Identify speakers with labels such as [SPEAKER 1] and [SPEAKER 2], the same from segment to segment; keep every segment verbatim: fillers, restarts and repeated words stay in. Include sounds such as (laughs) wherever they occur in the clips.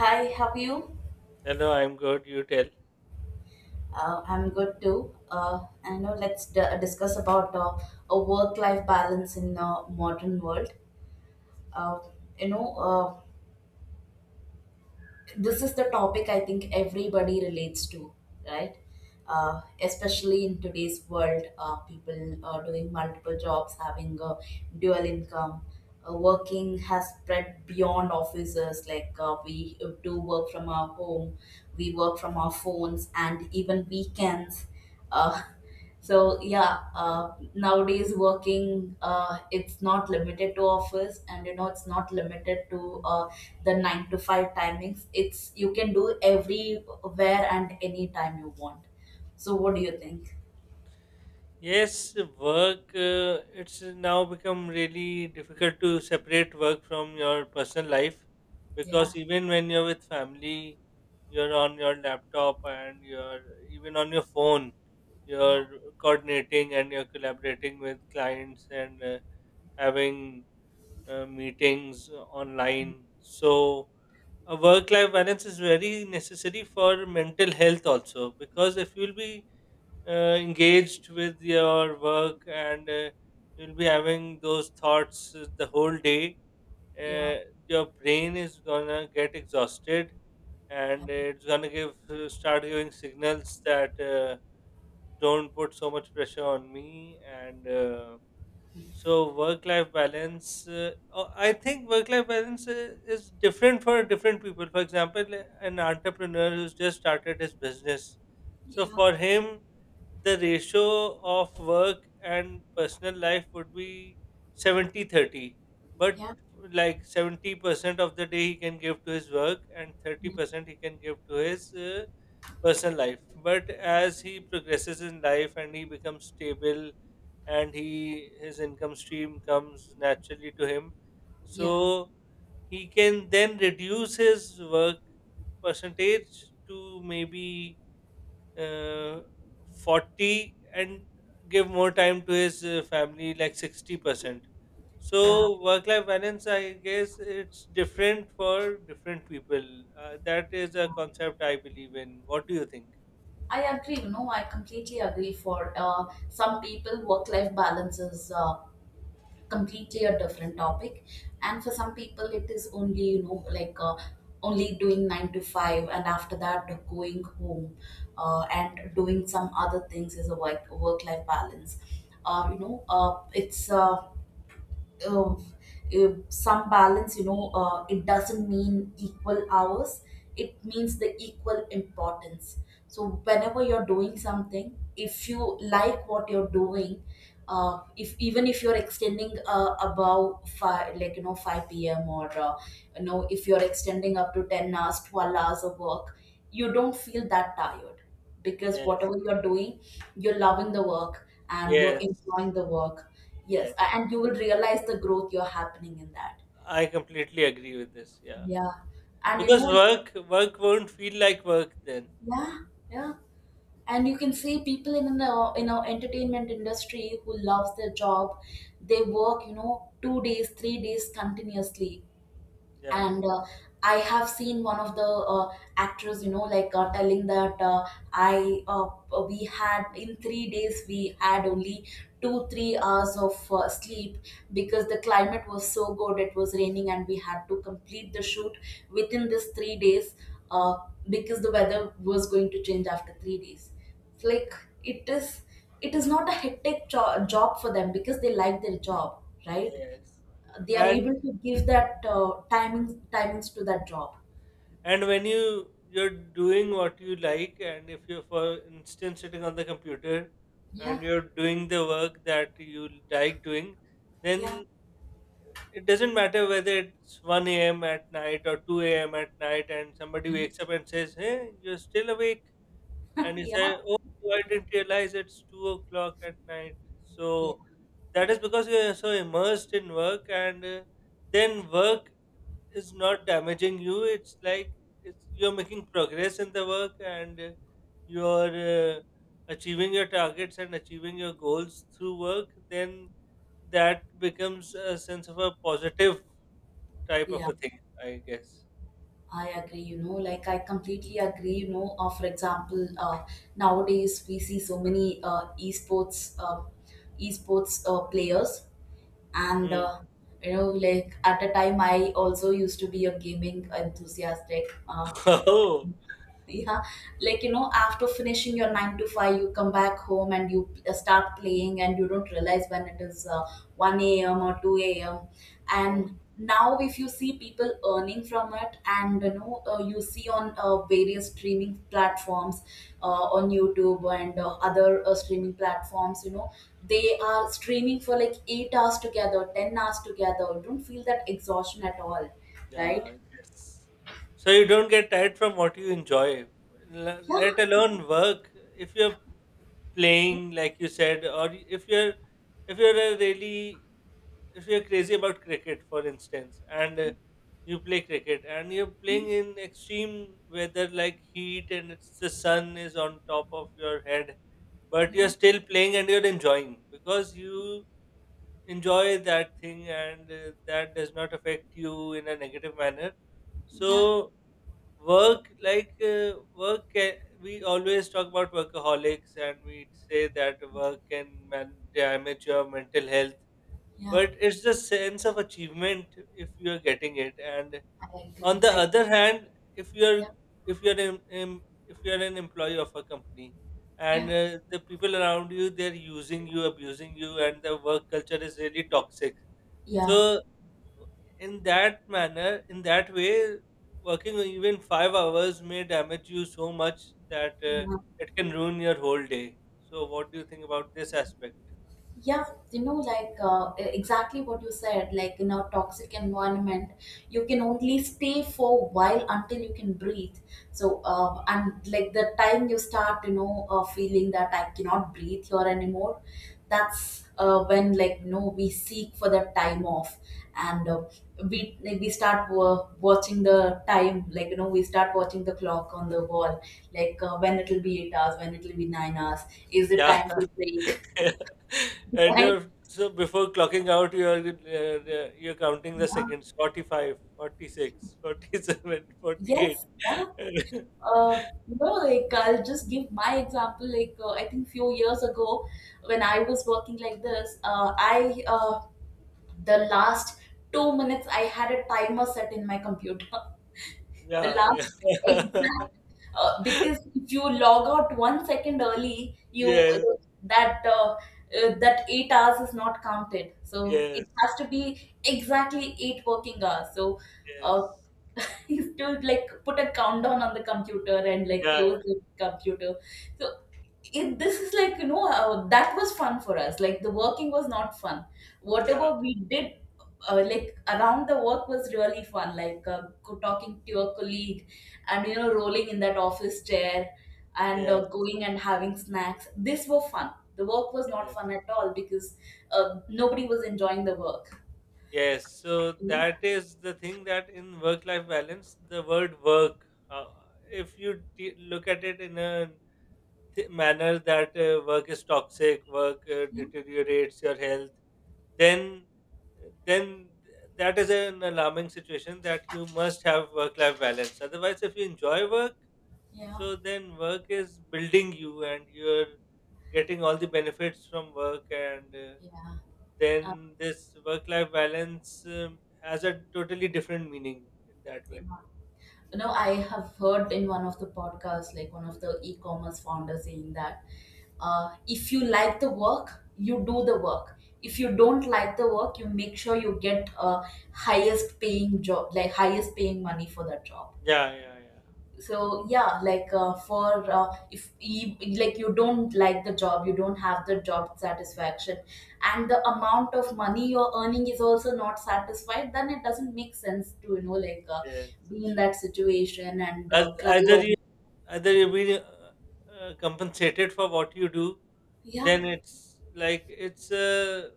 [SPEAKER 1] Hi, how are you?
[SPEAKER 2] Hello, I'm good. You tell.
[SPEAKER 1] Uh, I'm good too. Uh, I know, let's d- discuss about uh, a work-life balance in the modern world. Uh, you know, uh, this is the topic I think everybody relates to, right? Uh, especially in today's world, uh, people are doing multiple jobs, having a dual income. Uh, working has spread beyond offices. Like uh, we do work from our home, we work from our phones, and even weekends. Uh, so yeah, uh, nowadays working, uh, it's not limited to office, and you know it's not limited to uh, the nine to five timings. It's you can do everywhere and anytime you want. So what do you think?
[SPEAKER 2] Yes, work, uh, it's now become really difficult to separate work from your personal life
[SPEAKER 1] Yeah,
[SPEAKER 2] because even when you're with family, you're on your laptop and you're even on your phone,
[SPEAKER 1] yeah,
[SPEAKER 2] you're coordinating and you're collaborating with clients and uh, having uh, meetings online. So, a work life balance is very necessary for mental health also, because if you'll be uh, engaged with your work and uh, you'll be having those thoughts uh, the whole day,
[SPEAKER 1] yeah,
[SPEAKER 2] uh, your brain is gonna get exhausted
[SPEAKER 1] yeah,
[SPEAKER 2] and it's gonna give uh, start giving signals that, uh, don't put so much pressure on me, and uh, so work-life balance, uh, oh, I think work-life balance uh, is different for different people. For example, uh, an entrepreneur who's just started his business. So
[SPEAKER 1] yeah,
[SPEAKER 2] for him, the ratio of work and personal life would be seventy thirty. But
[SPEAKER 1] yeah,
[SPEAKER 2] like seventy percent of the day he can give to his work and thirty percent he can give to his uh, personal life. But as he progresses in life and he becomes stable, and he his income stream comes naturally to him,
[SPEAKER 1] yeah,
[SPEAKER 2] so he can then reduce his work percentage to maybe uh, forty, and give more time to his uh, family, like sixty percent. So
[SPEAKER 1] yeah.
[SPEAKER 2] work life balance, I guess, it's different for different people. Uh, that is a concept I believe in. What do you think?
[SPEAKER 1] I agree. You know, I completely agree. For uh, some people, work-life balance is uh, completely a different topic, and for some people it is only, you know, like, uh, only doing nine to five and after that going home, uh, and doing some other things is a work work life balance. Uh, you know uh, it's uh, uh, uh, some balance, you know, uh, it doesn't mean equal hours, it means the equal importance. So whenever you're doing something, if you like what you're doing, uh, if even if you're extending uh, above five, like, you know, five p.m or uh, you know, if you're extending up to ten hours, twelve hours of work, you don't feel that tired because
[SPEAKER 2] Yes,
[SPEAKER 1] whatever you're doing, you're loving the work and you're
[SPEAKER 2] yes,
[SPEAKER 1] enjoying the work. Yes,
[SPEAKER 2] yes,
[SPEAKER 1] a- and you will realize the growth you're happening in that.
[SPEAKER 2] I completely agree with this. Yeah.
[SPEAKER 1] Yeah, and you
[SPEAKER 2] Because
[SPEAKER 1] know.
[SPEAKER 2] work work won't feel like work then.
[SPEAKER 1] Yeah, yeah. And you can see people in the in our entertainment industry who loves their job. They work, you know, two days, three days continuously.
[SPEAKER 2] Yeah.
[SPEAKER 1] And uh, I have seen one of the uh, actors, you know, like uh, telling that uh, I uh, we had in three days we had only two three hours of uh, sleep because the climate was so good, it was raining and we had to complete the shoot within this three days, uh, because the weather was going to change after three days. It's like it is it is not a hectic jo- job for them because they like their job, right?
[SPEAKER 2] Yes.
[SPEAKER 1] They are
[SPEAKER 2] And
[SPEAKER 1] able to give that uh, timings timings to that job.
[SPEAKER 2] and when you you're doing what you like, and if you're, for instance, sitting on the computer,
[SPEAKER 1] Yeah,
[SPEAKER 2] and you're doing the work that you like doing,
[SPEAKER 1] yeah.
[SPEAKER 2] then it doesn't matter whether it's one a m at night or two a m at night, and somebody wakes up and says, "Hey, you're still awake," and
[SPEAKER 1] (laughs)
[SPEAKER 2] he said,
[SPEAKER 1] Yeah,
[SPEAKER 2] "Oh, I didn't realize it's two o'clock at night."
[SPEAKER 1] yeah,
[SPEAKER 2] So that is because you are so immersed in work, and uh, then work is not damaging you. It's like, it's you're making progress in the work, and uh, you're uh, achieving your targets and achieving your goals through work. Then that becomes a sense of a positive type of
[SPEAKER 1] yeah.
[SPEAKER 2] a thing, I guess.
[SPEAKER 1] I agree, you know, like I completely agree, you know. Uh, for example, uh, nowadays we see so many uh, esports uh, esports uh, players, and
[SPEAKER 2] Hmm.
[SPEAKER 1] uh, you know, like at a time I also used to be a gaming enthusiastic. Uh,
[SPEAKER 2] (laughs)
[SPEAKER 1] yeah, like, you know, after finishing your nine to five, you come back home and you uh, start playing and you don't realize when it is uh, one a.m or two a.m.
[SPEAKER 2] Oh,
[SPEAKER 1] And now if you see people earning from it, and you know, uh, you see on uh, various streaming platforms, uh, on YouTube and uh, other uh, streaming platforms, you know, they are streaming for like eight hours together, ten hours together. You don't feel that exhaustion at all, right?
[SPEAKER 2] yeah, yes. So you don't get tired from what you enjoy, le- let
[SPEAKER 1] Yeah,
[SPEAKER 2] alone work. If you're playing, like you said, or y- if you're if you're a really if you're crazy about cricket, for instance, and uh, you play cricket, and you're playing in extreme weather like heat, and it's the sun is on top of your head, but
[SPEAKER 1] yeah,
[SPEAKER 2] you're still playing and you're enjoying, because you enjoy that thing, and uh, that does not affect you in a negative manner.
[SPEAKER 1] yeah,
[SPEAKER 2] So work, like, uh, work can, we always talk about workaholics and we say that work can man- damage your mental health,
[SPEAKER 1] yeah.
[SPEAKER 2] but it's the sense of achievement, if you're getting it. And
[SPEAKER 1] I
[SPEAKER 2] on
[SPEAKER 1] agree.
[SPEAKER 2] the
[SPEAKER 1] I.
[SPEAKER 2] other hand, if you're
[SPEAKER 1] Yeah.
[SPEAKER 2] if you're in, in, if you're an employee of a company,
[SPEAKER 1] Yeah,
[SPEAKER 2] and uh, the people around you, they're using you, abusing you, and the work culture is really toxic.
[SPEAKER 1] yeah.
[SPEAKER 2] So in that manner, in that way, working even five hours may damage you so much that uh, it can ruin your whole day. So what do you think about this aspect?
[SPEAKER 1] Yeah, you know, like, uh, e-, exactly what you said, like in a toxic environment, you can only stay for a while until you can breathe. So, uh, and like the time you start, you know, uh, feeling that I cannot breathe here anymore, that's uh, when, like, you know, we seek for the time off, and uh, we, like, we start wa- watching the time, like, you know, we start watching the clock on the wall, like uh, when it'll be eight hours, when it'll be nine hours, is it
[SPEAKER 2] Yeah,
[SPEAKER 1] time for break?
[SPEAKER 2] (laughs)
[SPEAKER 1] (laughs)
[SPEAKER 2] and
[SPEAKER 1] Right?
[SPEAKER 2] uh, so before clocking out, you are uh, uh, you're counting the
[SPEAKER 1] Yeah.
[SPEAKER 2] seconds: forty-five, forty-six, forty-seven, forty-eight.
[SPEAKER 1] Yes, yeah. Uh, you know, like, I'll just give my example. Like uh, I think few years ago, when I was working like this, uh, I uh, the last two minutes I had a timer set in my computer. (laughs)
[SPEAKER 2] (laughs)
[SPEAKER 1] The
[SPEAKER 2] Yeah,
[SPEAKER 1] last
[SPEAKER 2] yeah.
[SPEAKER 1] exact, uh, because if you log out one second early,
[SPEAKER 2] (laughs)
[SPEAKER 1] you,
[SPEAKER 2] Yes,
[SPEAKER 1] that uh, uh, that eight hours is not counted. So it
[SPEAKER 2] yes,
[SPEAKER 1] has to be exactly eight working hours. So. Uh,
[SPEAKER 2] yes.
[SPEAKER 1] you have to, like, put a countdown on the computer and, like,
[SPEAKER 2] Yeah,
[SPEAKER 1] close the computer. So it, this is, like, you know, uh, that was fun for us. Like the working was not fun.
[SPEAKER 2] yeah,
[SPEAKER 1] Whatever we did, uh, like around the work was really fun. Like uh, co- talking to your colleague, and, you know, rolling in that office chair, and
[SPEAKER 2] yeah,
[SPEAKER 1] uh,
[SPEAKER 2] yes,
[SPEAKER 1] going and having snacks. This were fun. The work was not
[SPEAKER 2] yes.
[SPEAKER 1] fun at all because uh, nobody was enjoying the work.
[SPEAKER 2] Yes, so that
[SPEAKER 1] Yeah,
[SPEAKER 2] is the thing that in work life balance, the word work, uh, if you t- look at it in a th- manner that uh, work is toxic, work uh,
[SPEAKER 1] yeah,
[SPEAKER 2] deteriorates your health, then then that is an alarming situation that you must have work life balance. Otherwise, if you enjoy work,
[SPEAKER 1] yeah,
[SPEAKER 2] so then work is building you, and you're getting all the benefits from work, and uh,
[SPEAKER 1] yeah. Uh,
[SPEAKER 2] then this work life balance um, has a totally different meaning in that
[SPEAKER 1] yeah.
[SPEAKER 2] way.
[SPEAKER 1] You know, I have heard in one of the podcasts, like one of the e-commerce founders saying that uh, if you like the work, you do the work. If you don't like the work, you make sure you get a highest paying job, like highest paying money for that job.
[SPEAKER 2] Yeah, yeah, yeah.
[SPEAKER 1] So yeah, like uh, for uh, if you, like, you don't like the job, you don't have the job satisfaction and the amount of money you're earning is also not satisfied, then it doesn't make sense to, you know, like, uh,
[SPEAKER 2] Yes.
[SPEAKER 1] be in that situation and
[SPEAKER 2] As,
[SPEAKER 1] uh, cry
[SPEAKER 2] either
[SPEAKER 1] over.
[SPEAKER 2] you either you be uh, uh, compensated for what you do,
[SPEAKER 1] Yeah,
[SPEAKER 2] then it's like it's a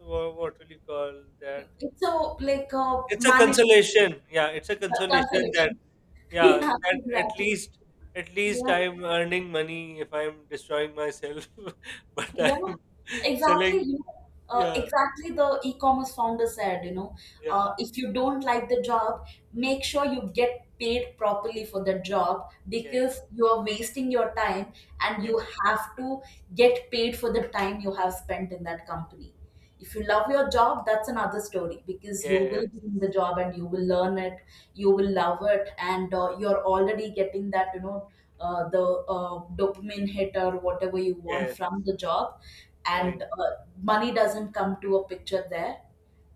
[SPEAKER 2] wha- what will you call that?
[SPEAKER 1] it's a, like a
[SPEAKER 2] It's a
[SPEAKER 1] manageable
[SPEAKER 2] consolation. Yeah, it's a consolation that
[SPEAKER 1] consolation. (laughs)
[SPEAKER 2] yeah
[SPEAKER 1] Yeah,
[SPEAKER 2] that at
[SPEAKER 1] exactly.
[SPEAKER 2] least at least
[SPEAKER 1] Yeah.
[SPEAKER 2] I'm earning money, if I'm destroying myself, (laughs) but
[SPEAKER 1] Yeah,
[SPEAKER 2] I'm (laughs)
[SPEAKER 1] exactly.
[SPEAKER 2] selling.
[SPEAKER 1] You know, uh,
[SPEAKER 2] Yeah,
[SPEAKER 1] exactly the e-commerce founder said, you know,
[SPEAKER 2] yeah,
[SPEAKER 1] uh, if you don't like the job, make sure you get paid properly for the job because
[SPEAKER 2] yes.
[SPEAKER 1] you are wasting your time and you
[SPEAKER 2] Yes,
[SPEAKER 1] have to get paid for the time you have spent in that company. If you love your job, that's another story because you will
[SPEAKER 2] yes,
[SPEAKER 1] be in the job and you will learn it, you will love it, and uh, you're already getting that, you know, uh, the uh, dopamine hit or whatever you want
[SPEAKER 2] yes,
[SPEAKER 1] from the job, and
[SPEAKER 2] right.
[SPEAKER 1] uh, money doesn't come to a picture there,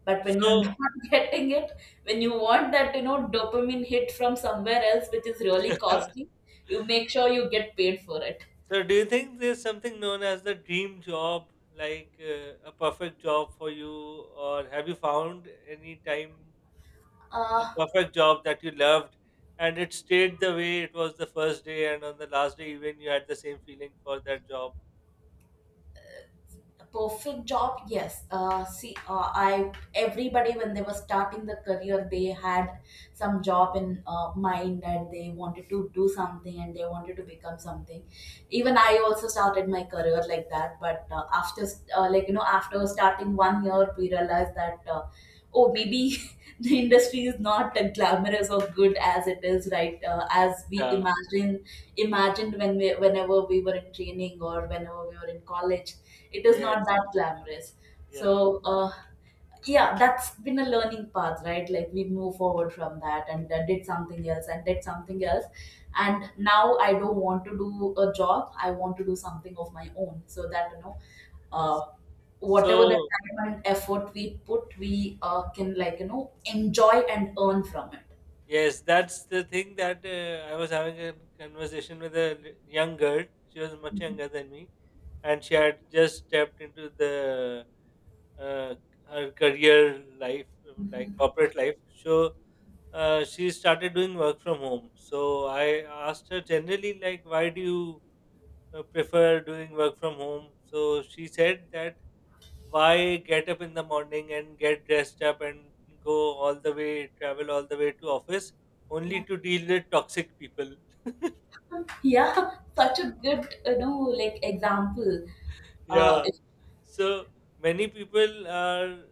[SPEAKER 1] but when you're (laughs)
[SPEAKER 2] So,
[SPEAKER 1] not getting it, when you want that, you know, dopamine hit from somewhere else, which is
[SPEAKER 2] (laughs)
[SPEAKER 1] really
[SPEAKER 2] so
[SPEAKER 1] costly, you make sure you get paid for it.
[SPEAKER 2] do you think there's something known as the dream job, like uh, a perfect job for you, or have you found any time a
[SPEAKER 1] uh,
[SPEAKER 2] perfect job that you loved, and it stayed the way it was the first day, and on the last day, even you had the same feeling for that job?
[SPEAKER 1] a perfect job, yes. uh, see uh, I Everybody, when they were starting the career, they had some job in uh, mind and they wanted to do something and they wanted to become something. Even I also started my career like that, but uh, after, uh, like, you know, after starting one year, we realized that uh, oh, maybe (laughs) the industry is not as glamorous or good as it is, right, uh, as we
[SPEAKER 2] Yeah,
[SPEAKER 1] imagine imagined when we whenever we were in training or whenever we were in college. It is not
[SPEAKER 2] yes,
[SPEAKER 1] that glamorous.
[SPEAKER 2] yeah.
[SPEAKER 1] So uh, yeah, that's been a learning path, right? Like we move forward from that and uh, did something else and did something else. And now I don't want to do a job, I want to do something of my own, so that, you know, uh, whatever the
[SPEAKER 2] So,
[SPEAKER 1] time and effort we put, we uh, can, like, you know, enjoy and earn from it.
[SPEAKER 2] Yes, that's the thing that uh, I was having a conversation with a l- young girl. She was much
[SPEAKER 1] Mhm.
[SPEAKER 2] younger than me, and she had just stepped into the uh, her career life, um, like
[SPEAKER 1] Mhm.
[SPEAKER 2] corporate life. So uh, she started doing work from home. So I asked her generally, like, why do you uh, prefer doing work from home? So she said that, why get up in the morning and get dressed up and go all the way, travel all the way to office,
[SPEAKER 1] Yeah.
[SPEAKER 2] only to deal with toxic people? (laughs)
[SPEAKER 1] (laughs) Yeah, such a good, you know, like, example. uh,
[SPEAKER 2] Yeah. So many people are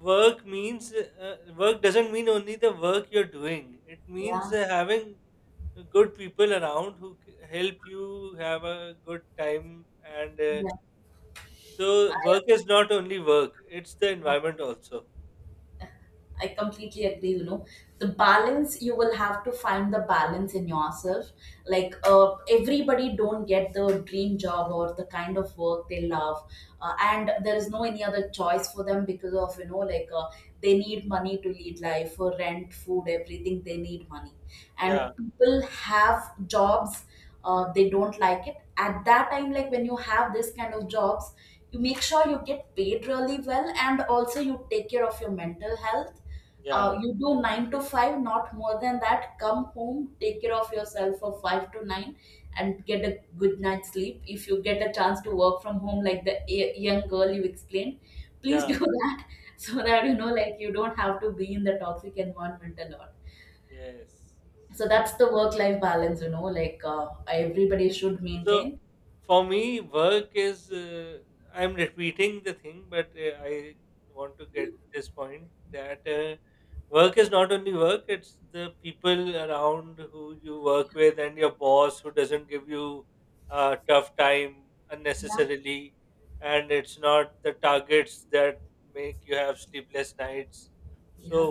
[SPEAKER 2] work means, uh, work doesn't mean only the work you're doing, it
[SPEAKER 1] yeah,
[SPEAKER 2] means uh, having good people around who c- help you have a good time, and uh,
[SPEAKER 1] yeah.
[SPEAKER 2] so
[SPEAKER 1] I.
[SPEAKER 2] work is not only work, it's the
[SPEAKER 1] Not.
[SPEAKER 2] environment also.
[SPEAKER 1] I completely agree, you know. The balance, you will have to find the balance in yourself. Like, uh, everybody don't get the dream job or the kind of work they love. Uh, and there is no any other choice for them because of, you know, like, uh, they need money to lead life for rent, food, everything. They need money. And
[SPEAKER 2] Yeah,
[SPEAKER 1] people have jobs, uh, they don't like it. At that time, like when you have this kind of jobs, you make sure you get paid really well, and also you take care of your mental health.
[SPEAKER 2] yeah,
[SPEAKER 1] Uh, you do nine to five, not more than that. Come home, take care of yourself for five to nine, and get a good night's sleep. If you get a chance to work from home, like the y- young girl you explained, please
[SPEAKER 2] yeah.
[SPEAKER 1] do (laughs) that so that, you know, like, you don't have to be in the toxic environment a lot.
[SPEAKER 2] Yes.
[SPEAKER 1] So
[SPEAKER 2] So
[SPEAKER 1] that's the work-life balance, you know, like, uh, everybody should
[SPEAKER 2] So
[SPEAKER 1] maintain.
[SPEAKER 2] for me, work is. Uh, I'm repeating the thing, but uh, I want to get this point that uh, work is not only work; it's the people around who you work with, and your boss who doesn't give you a tough time
[SPEAKER 1] Yeah,
[SPEAKER 2] unnecessarily, and it's not the targets that make you have sleepless nights. So
[SPEAKER 1] yeah.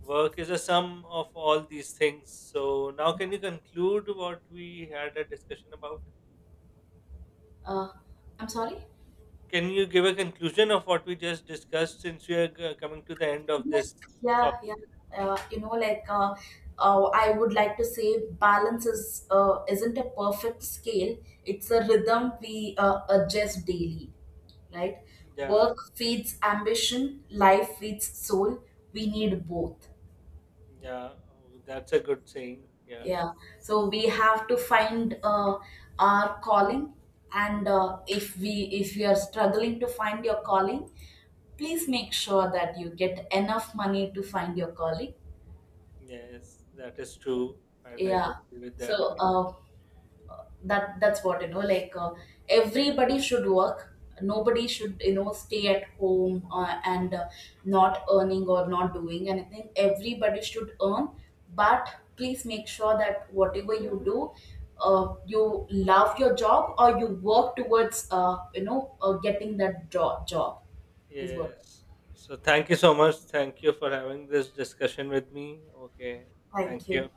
[SPEAKER 2] work is a sum of all these things. So now, can you conclude what we had a discussion about?
[SPEAKER 1] Uh, I'm sorry.
[SPEAKER 2] Can you give a conclusion of what we just discussed, since we are g- coming to the end of
[SPEAKER 1] Yes,
[SPEAKER 2] this
[SPEAKER 1] yeah,
[SPEAKER 2] topic?
[SPEAKER 1] yeah. Uh, you know, like, uh, uh, I would like to say, balance is uh, isn't a perfect scale. It's a rhythm we uh, adjust daily, right?
[SPEAKER 2] Yeah,
[SPEAKER 1] Work feeds ambition, life feeds soul. We need both.
[SPEAKER 2] yeah, oh, that's a good saying. Yeah,
[SPEAKER 1] Yeah. So we have to find uh, our calling, and uh, if we if you are struggling to find your calling, please make sure that you get enough money to find your calling.
[SPEAKER 2] yes, that is true. I'd like
[SPEAKER 1] Yeah.
[SPEAKER 2] to agree with
[SPEAKER 1] So
[SPEAKER 2] that.
[SPEAKER 1] uh, that that's what, you know. Like, uh, everybody should work. Nobody should, you know, stay at home, uh, and uh, not earning or not doing anything. Everybody should earn, but please make sure that whatever you do, uh, you love your job or you work towards uh, you know uh, getting that jo- job is what.
[SPEAKER 2] Yes. So thank you so much. Thank you for having this discussion with me. Okay. Thank
[SPEAKER 1] Thank you.
[SPEAKER 2] you.